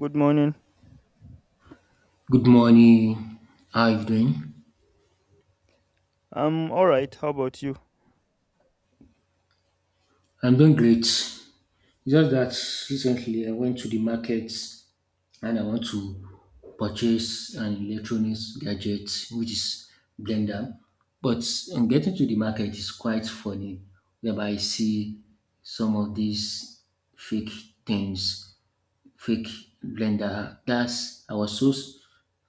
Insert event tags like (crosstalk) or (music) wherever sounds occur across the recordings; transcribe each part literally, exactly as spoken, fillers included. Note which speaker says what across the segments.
Speaker 1: Good morning.
Speaker 2: Good morning. How are you doing?
Speaker 1: I'm all right. How about you?
Speaker 2: I'm doing great. It's just that recently I went to the market and I want to purchase an electronics gadget which is blender. But on getting to the market, it's quite funny whereby I see some of these fake things fake blender. That's, I was so s-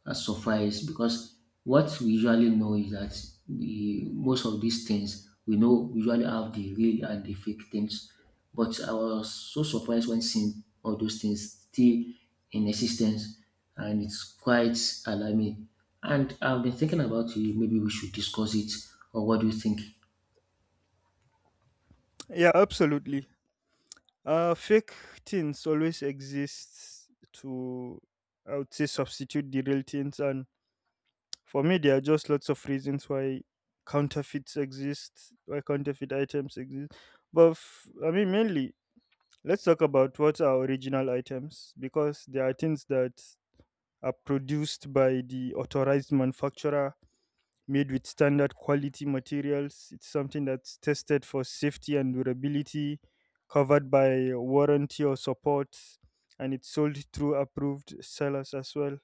Speaker 2: uh, surprised because what we usually know is that the most of these things we know, we usually have the real and the fake things. But I was so surprised when seeing all those things still in existence, and it's quite alarming. And I've been thinking about it. Maybe we should discuss it, or what do you think?
Speaker 1: Yeah, absolutely. Uh, fake things always exist to, I would say, substitute the real things. And for me, there are just lots of reasons why counterfeits exist, why counterfeit items exist. But f- I mean, Mainly, let's talk about what are original items, because there are things that are produced by the authorized manufacturer, made with standard quality materials. It's something that's tested for safety and durability, covered by warranty or support, and it's sold through approved sellers as well.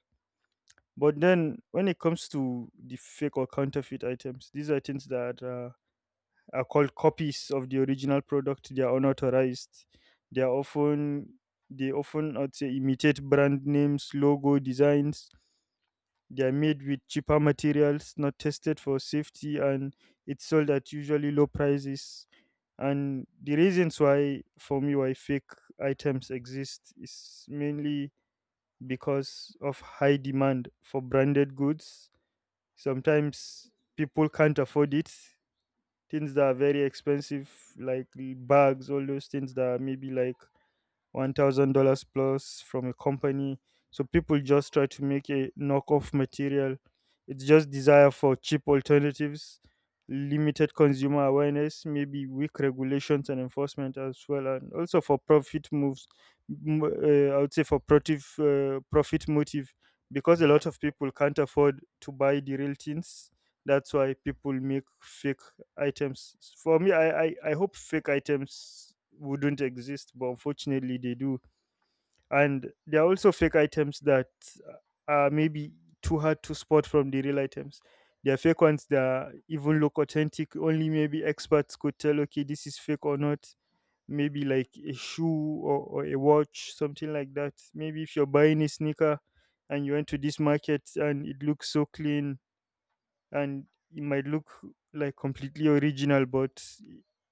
Speaker 1: But then when it comes to the fake or counterfeit items, these are things that are are called copies of the original product. They are unauthorized. They are often they often I'd say imitate brand names, logo designs. They are made with cheaper materials, not tested for safety, and it's sold at usually low prices. And the reasons why, for me, why fake items exist is mainly because of high demand for branded goods. Sometimes people can't afford it, things that are very expensive, like the bags, all those things that are maybe like one thousand dollars plus from a company. So people just try to make a knockoff material. It's just desire for cheap alternatives, limited consumer awareness, maybe weak regulations and enforcement as well, and also for profit moves. m- Uh, I would say for profit uh, profit motive, because a lot of people can't afford to buy the real things. That's why people make fake items. For me, i i, I hope fake items wouldn't exist, but unfortunately they do. And there are also fake items that uh, are maybe too hard to spot from the real items. There are fake ones that even look authentic. Only maybe experts could tell okay, this is fake or not. Maybe like a shoe, or, or a watch, something like that. Maybe if you're buying a sneaker and you went to this market and it looks so clean, and it might look like completely original, but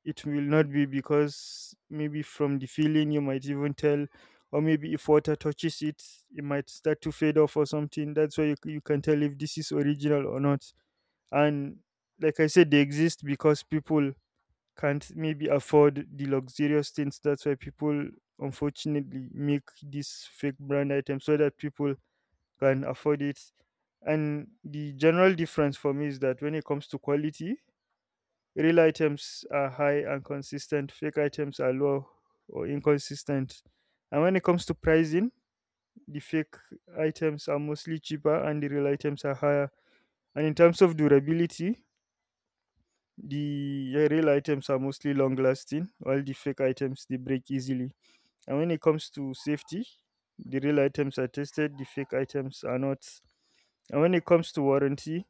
Speaker 1: it will not be, because maybe from the feeling you might even tell, or maybe if water touches it, it might start to fade off or something. That's why you, you can tell if this is original or not. And like I said, they exist because people can't maybe afford the luxurious things. That's why people unfortunately make these fake brand items so that people can afford it. And the general difference for me is that when it comes to quality, real items are high and consistent, fake items are low or inconsistent. And when it comes to pricing, the fake items are mostly cheaper and the real items are higher. And in terms of durability, the uh, real items are mostly long lasting, while the fake items, they break easily. And when it comes to safety, the real items are tested, the fake items are not. And when it comes to warranty,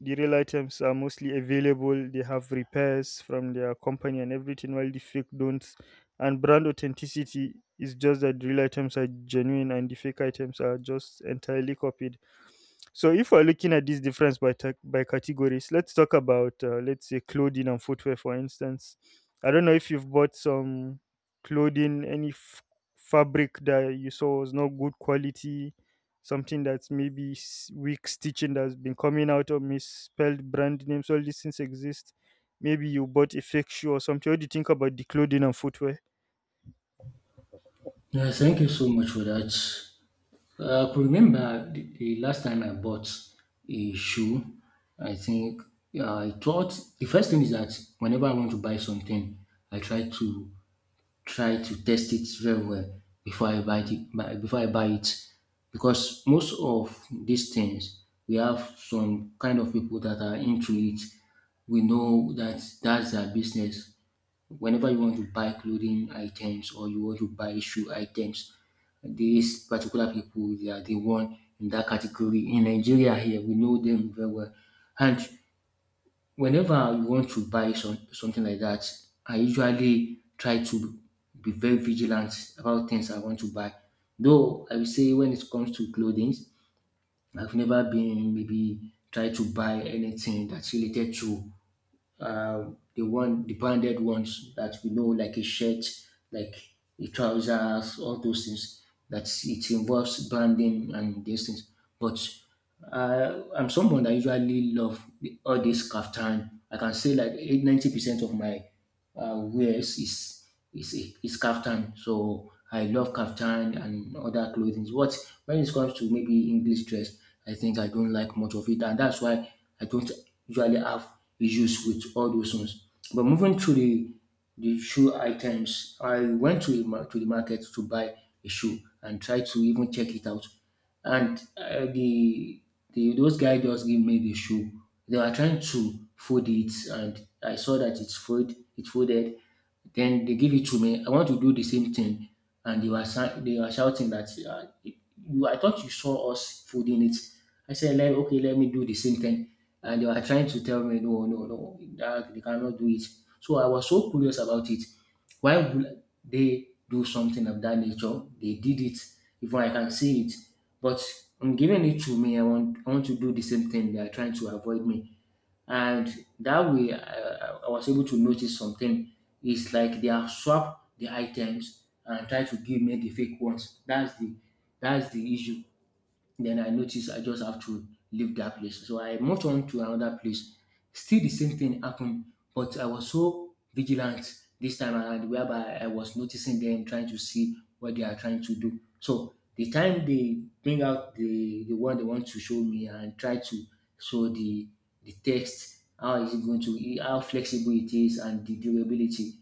Speaker 1: the real items are mostly available. They have repairs from their company and everything, while the fake don't. And brand authenticity is just that the real items are genuine and the fake items are just entirely copied. So if we're looking at this difference by ta- by categories, let's talk about uh, let's say clothing and footwear, for instance. I don't know if you've bought some clothing, any f- fabric that you saw was not good quality, something that's maybe s- weak stitching that's been coming out, or misspelled brand names. All these things exist. Maybe you bought a fake shoe or something. What do you think about the clothing and footwear?
Speaker 2: Yeah, thank you so much for that. Uh, I could remember the, the last time I bought a shoe. I think uh, I thought the first thing is that whenever I want to buy something, I try to try to test it very well before I buy it. buy- Before I buy it, because most of these things, we have some kind of people that are into it. We know that that's their business. Whenever you want to buy clothing items or you want to buy shoe items, these particular people, they are the one in that category. In Nigeria here, we know them very well. And whenever you want to buy some, something like that, I usually try to be very vigilant about things I want to buy. Though I will say, when it comes to clothing, I've never been maybe try to buy anything that's related to uh, the one the branded ones that we know, like a shirt, like the trousers, all those things that it involves branding and these things. But I, I'm someone that usually love the- all this kaftan. I can say like eight ninety percent of my uh, wears is is is kaftan. So I love kaftan and other clothing. What When it comes to maybe English dress, I think I don't like much of it, and that's why I don't usually have issues with all those ones. But moving to the the shoe items, I went to the, mar- to the market to buy a shoe and tried to even check it out. And uh, the the those guys just give me the shoe. They were trying to fold it, and I saw that it's fold it folded. Then they give it to me. I want to do the same thing, and they were shou- they were shouting that uh, it- you. I thought you saw us folding it. I said, let, okay, let me do the same thing. And they were trying to tell me, no, no, no, that they cannot do it. So I was so curious about it. Why would they do something of that nature? They did it. Even I can see it. But I'm giving it to me, I want I want to do the same thing. They are trying to avoid me. And that way, I, I I was able to notice something. It's like they have swapped the items and try to give me the fake ones. That's the that's the issue. Then I noticed I just have to leave that place. So I moved on to another place. Still the same thing happened, but I was so vigilant this time around, whereby I was noticing them trying to see what they are trying to do. So the time they bring out the, the one they want to show me and try to show the the text, how is it going to how flexible it is and the durability.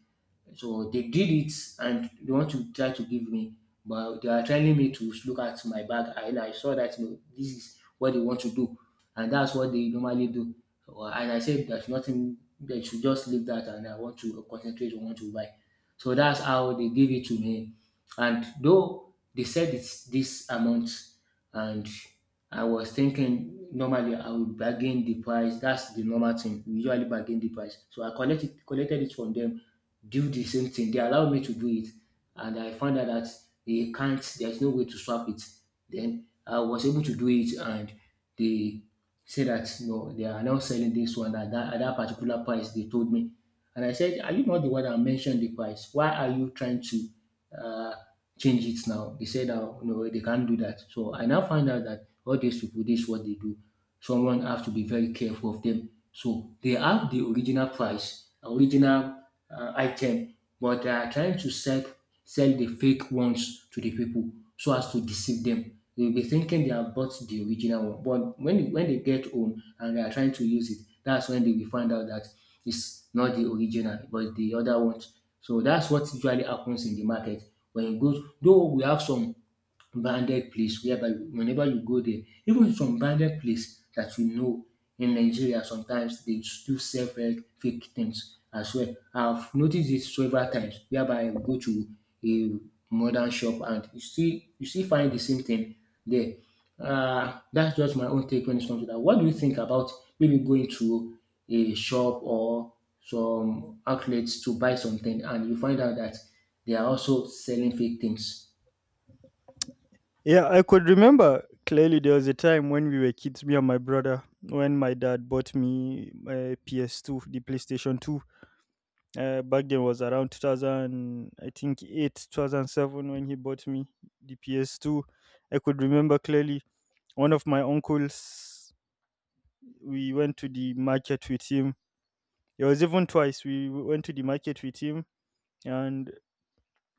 Speaker 2: So they did it, and they want to try to give me, but they are telling me to look at my bag, and I saw that you know, this is what they want to do, and that's what they normally do. So, Uh, And I said there's nothing. They should just leave that, and I want to concentrate on what to buy. So that's how they gave it to me. And though they said it's this amount, and I was thinking, normally I would bargain the price. That's the normal thing. We usually bargain the price. So I collected collected it from them, do the same thing. They allow me to do it, and I found out that they can't. There's no way to swap it. Then I was able to do it, and they said that no, they are now selling this one at that, at that particular price. They told me, and I said, "Are you not the one that mentioned the price? Why are you trying to uh, change it now?" They said, "Oh, no, they can't do that." So I now find out that all these people, this is what they do. Someone have to be very careful of them. So they have the original price, original uh, item, but they are trying to sell sell the fake ones to the people so as to deceive them. They'll be thinking they have bought the original one, but when when they get home and they are trying to use it, that's when they will find out that it's not the original, but the other ones. So that's what usually happens in the market. When you go, though, we have some branded place whereby whenever you go there, even some branded place that you know in Nigeria, sometimes they still sell fake, fake things as well. I've noticed this several times whereby I go to a modern shop, and you see, you still find the same thing there. Uh, that's just my own take when it comes to that. What do you think about maybe going to a shop or some outlets to buy something and you find out that they are also selling fake things?
Speaker 1: Yeah, I could remember clearly there was a time when we were kids, me and my brother, when my dad bought me a P S two, the playstation two. Uh, back then was around two thousand, I think eight, two thousand seven, when he bought me the P S two. I could remember clearly one of my uncles, we went to the market with him. It was even twice. We w- went to the market with him, and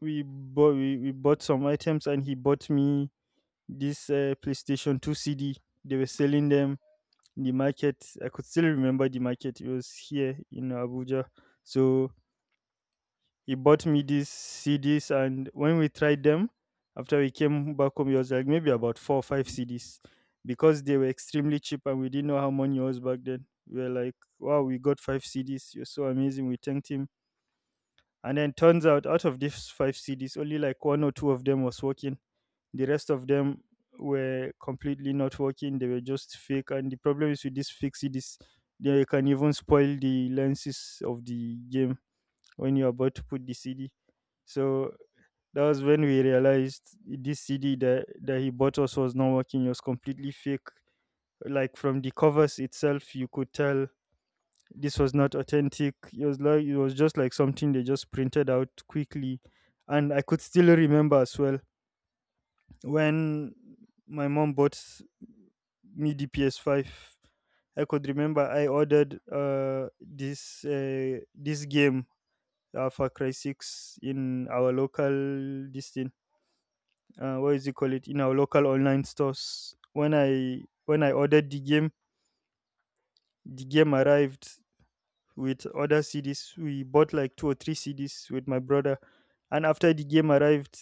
Speaker 1: we bought, we, we bought some items and he bought me this uh, PlayStation two C D. They were selling them in the market. I could still remember the market. It was here in Abuja. So he bought me these C Ds, and when we tried them, after we came back home, it was like maybe about four or five C Ds, because they were extremely cheap and we didn't know how money was back then. We were like, wow, we got five C Ds. You're so amazing. We thanked him. And then turns out, out of these five C Ds, only like one or two of them was working. The rest of them were completely not working. They were just fake. And the problem is with these fake C Ds, they can even spoil the lenses of the game when you're about to put the C D. So that was when we realized this C D that, that he bought us was not working. It was completely fake. Like from the covers itself, you could tell this was not authentic. It was like it was just like something they just printed out quickly. And I could still remember as well when my mom bought me the P S five. I could remember I ordered uh, this uh, this game, uh, Far Cry six, in our local this thing, uh, what is it call it, in our local online stores. When I when I ordered the game, the game arrived with other C Ds. We bought like two or three C Ds with my brother, and after the game arrived,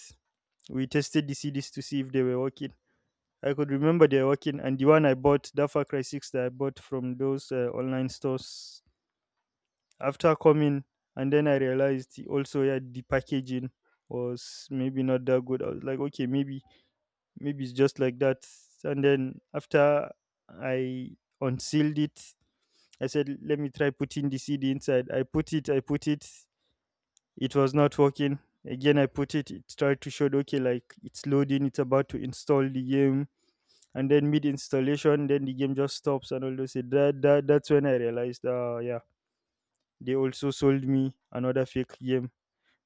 Speaker 1: we tested the C Ds to see if they were working. I could remember they were working, and the one I bought, that Far Cry six that I bought from those uh, online stores, after coming, and then I realized also, yeah, the packaging was maybe not that good. I was like, okay, maybe maybe it's just like that. And then after I unsealed it, I said, let me try putting the C D inside. I put it, I put it. It was not working. Again, I put it. It tried to show, okay, like it's loading. It's about to install the game. And then mid installation, then the game just stops and all those. That, that that's when I realized, uh, yeah, they also sold me another fake game.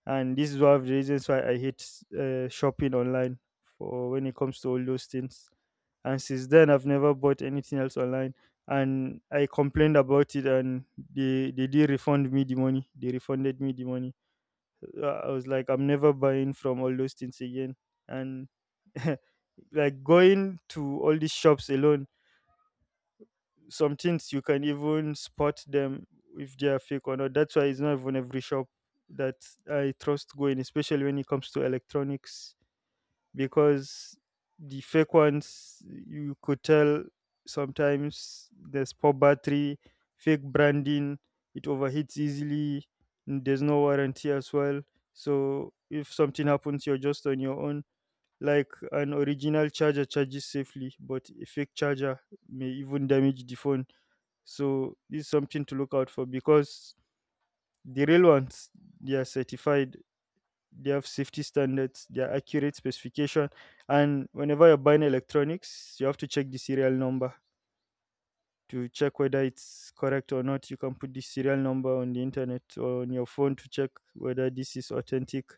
Speaker 1: And this is one of the reasons why I hate uh, shopping online for when it comes to all those things. And since then I've never bought anything else online. And I complained about it, and they they did refund me the money they refunded me the money. Uh, I was like, I'm never buying from all those things again. And (laughs) like going to all these shops alone, some things you can even spot them if they are fake or not. That's why it's not even every shop that I trust going, especially when it comes to electronics, because the fake ones you could tell, sometimes there's poor battery, fake branding, it overheats easily, and there's no warranty as well. So if something happens, you're just on your own. Like an original charger charges safely, but a fake charger may even damage the phone. So this is something to look out for, because the real ones, they are certified, they have safety standards, they are accurate specification, and whenever you're buying electronics, you have to check the serial number to check whether it's correct or not. You can put the serial number on the internet or on your phone to check whether this is authentic.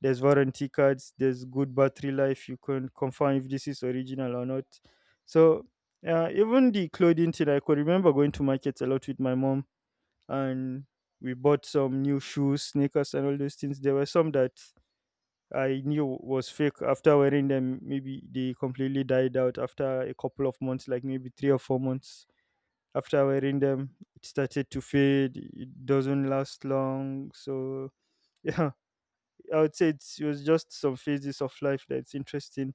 Speaker 1: There's warranty cards, there's good battery life. You can confirm if this is original or not. So uh, even the clothing thing, I could remember going to markets a lot with my mom, and we bought some new shoes, sneakers, and all those things. There were some that I knew was fake. After wearing them, maybe they completely died out after a couple of months, like maybe three or four months. After wearing them, it started to fade. It doesn't last long. So, (laughs) yeah, I would say it's, it was just some phases of life that's interesting.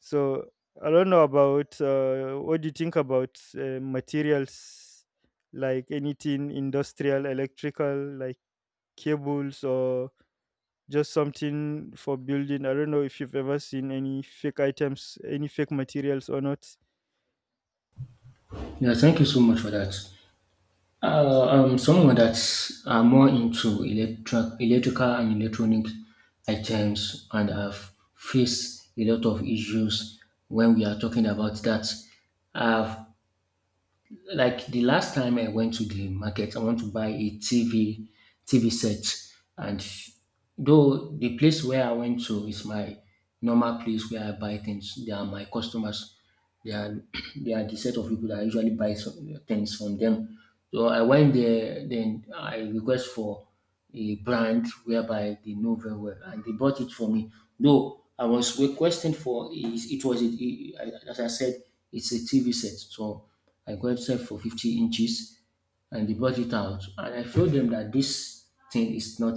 Speaker 1: So, I don't know about uh, what do you think about uh, materials like anything industrial, electrical, like cables, or just something for building. I don't know if you've ever seen any fake items, any fake materials or not.
Speaker 2: Yeah, thank you so much for that. Uh, um, someone that are more into electric, electrical and electronic items and have faced a lot of issues when we are talking about that. I've Like the last time I went to the market, I want to buy a T V T V set, and though the place where I went to is my normal place where I buy things, they are my customers. They are, (clears throat) they are the set of people that I usually buy some things from them. So I went there, then I request for a brand whereby they know very well, and they bought it for me. Though I was requesting for, is, it was a, I- as I said, it's a T V set, so I got set for fifty inches, and they brought it out, and I showed them that this thing is not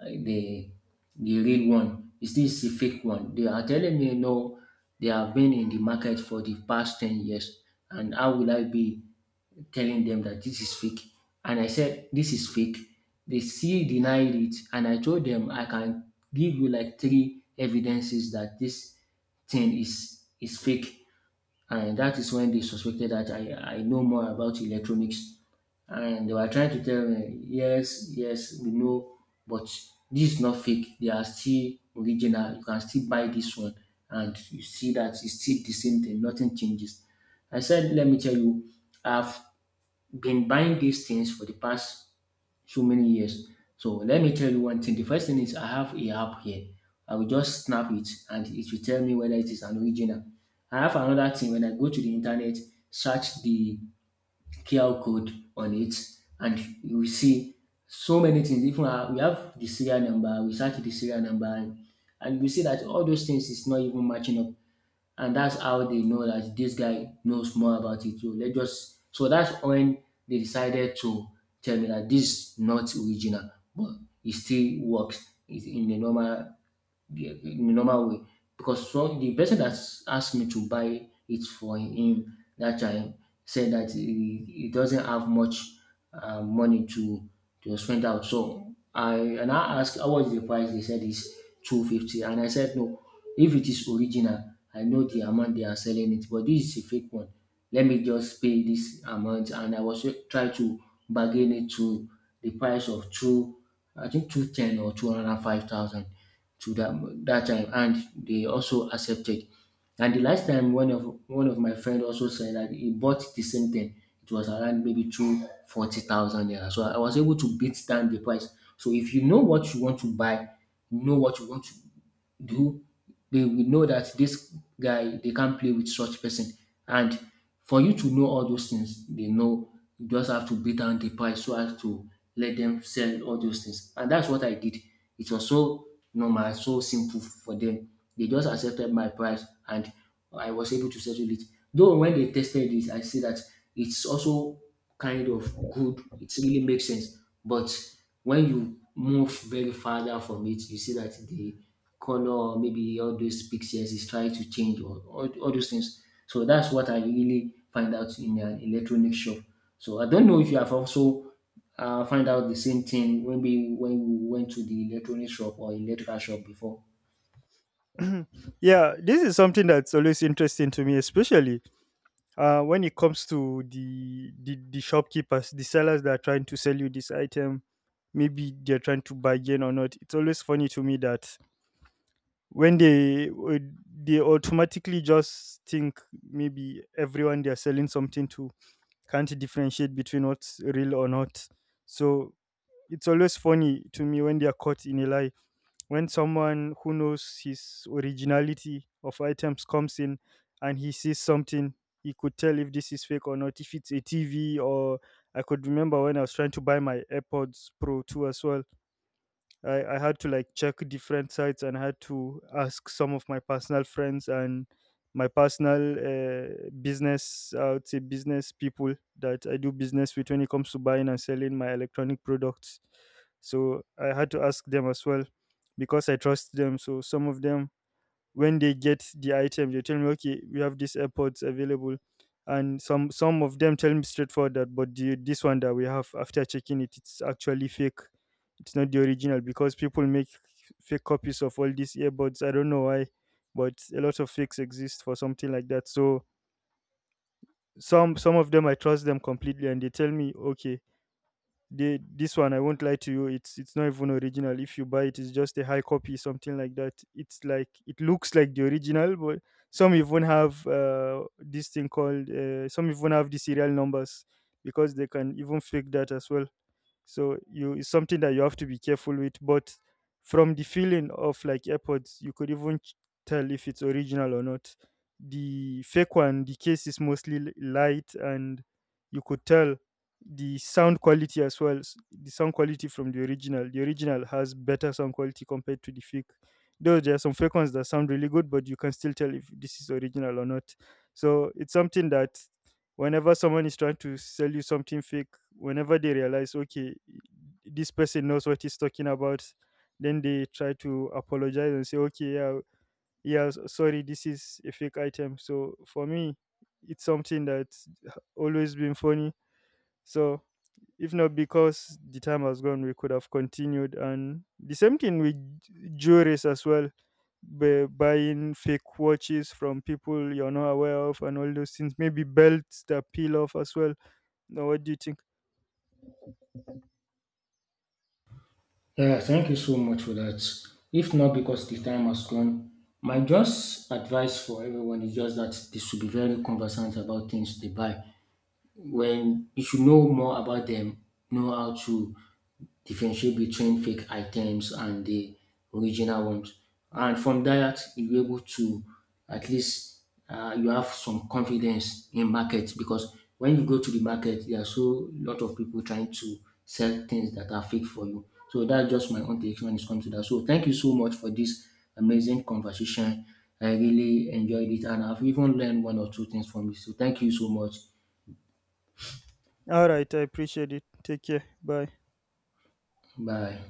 Speaker 2: uh, the the real one. Is this a fake one? They are telling me, no, they have been in the market for the past ten years, and how will I be telling them that this is fake? And I said, "This is fake." They still denied it. And I told them, I can give you like three evidences that this thing is, is fake. And that is when they suspected that I, I know more about electronics. And they were trying to tell me, yes, yes, we know, but this is not fake. They are still original. You can still buy this one. And you see that it's still the same thing, nothing changes. I said, let me tell you, I've been buying these things for the past so many years. So let me tell you one thing. The first thing is I have a app here. I will just snap it, and it will tell me whether it is an original. I have another thing: when I go to the internet, search the Q R code on it, and you will see so many things. Even uh, we have the serial number, we search the serial number, and, and we see that all those things is not even matching up. And that's how they know that this guy knows more about it. So let's just so that's when they decided to tell me that this is not original, but it still works. It's in the normal the, in the normal way, because so the person that asked me to buy it for him that time said that he, he doesn't have much uh, money to to spend out. So I and I asked, how was the price? They said it's two fifty, and I said no. If it is original, I know the amount they are selling it, but this is a fake one. Let me just pay this amount, and I was try to bargain it to the price of two, I think two ten or two hundred five thousand to that that time, and they also accepted. And the last time, one of one of my friend also said that he bought the same thing. It was around maybe two forty thousand naira. So I was able to beat down the price. So if you know what you want to buy, know what you want to do, they will know that this guy, they can't play with such person. And for you to know all those things, they know, you just have to beat down the price so as to let them sell all those things. And that's what I did. It was so normal, so simple for them. They just accepted my price, and I was able to settle it. Though when they tested it, I see that it's also kind of good. It really makes sense. But when you move very further from it, you see that the color, maybe all those pixels is trying to change, or all, all those things. So that's what I really find out in an electronic shop. So I don't know if you have also uh, find out the same thing when we when we went to the electronic shop or electrical shop before.
Speaker 1: (clears throat) Yeah, this is something that's always interesting to me, especially uh, when it comes to the, the the shopkeepers, the sellers that are trying to sell you this item. Maybe they're trying to bargain or not. It's always funny to me that when they would- they automatically just think maybe everyone they're selling something to can't differentiate between what's real or not. So it's always funny to me when they are caught in a lie. When someone who knows his originality of items comes in and he sees something, he could tell if this is fake or not. If it's a T V, or I could remember when I was trying to buy my AirPods Pro two as well. I, I had to like check different sites and had to ask some of my personal friends and my personal uh, business, I would say business people that I do business with when it comes to buying and selling my electronic products. So I had to ask them as well because I trust them. So some of them, when they get the item, they tell me, okay, we have these airpods available. And some some of them tell me straightforward that, but the, this one that we have, after checking it, it's actually fake. It's not the original, because people make fake copies of all these earbuds. I don't know why, but a lot of fakes exist for something like that. So some some of them I trust them completely, and they tell me, okay, they, this one, I won't lie to you, it's it's not even original. If you buy it, it's just a high copy, something like that. It's like it looks like the original, but some even have uh, this thing called uh, some even have the serial numbers, because they can even fake that as well. So you, it's something that you have to be careful with. But from the feeling of like airpods, you could even ch- tell if it's original or not. The fake one, the case is mostly li- light, and you could tell the sound quality as well. S- the sound quality from the original the original has better sound quality compared to the fake. Though there are some fake ones that sound really good, but you can still tell if this is original or not. So it's something that whenever someone is trying to sell you something fake, whenever they realize, okay, this person knows what he's talking about, then they try to apologize and say, okay, yeah, yeah s- sorry, this is a fake item. So for me, it's something that's always been funny. So if not because the time has gone, we could have continued. And the same thing with j- jewelries as well, bu- buying fake watches from people you're not aware of, and all those things, maybe belts that peel off as well. Now what do you think?
Speaker 2: Yeah, thank you so much for that. If not because the time has gone, my just advice for everyone is just that they should be very conversant about things they buy. When you should know more about them, know how to differentiate between fake items and the original ones. And from that, you're able to at least uh, you have some confidence in market, because when you go to the market, there are so lot of people trying to sell things that are fake for you. So that's just my own take when it comes to that. So thank you so much for this amazing conversation. I really enjoyed it, and I've even learned one or two things from it. So thank you so much.
Speaker 1: All right, I appreciate it. Take care. Bye.
Speaker 2: Bye.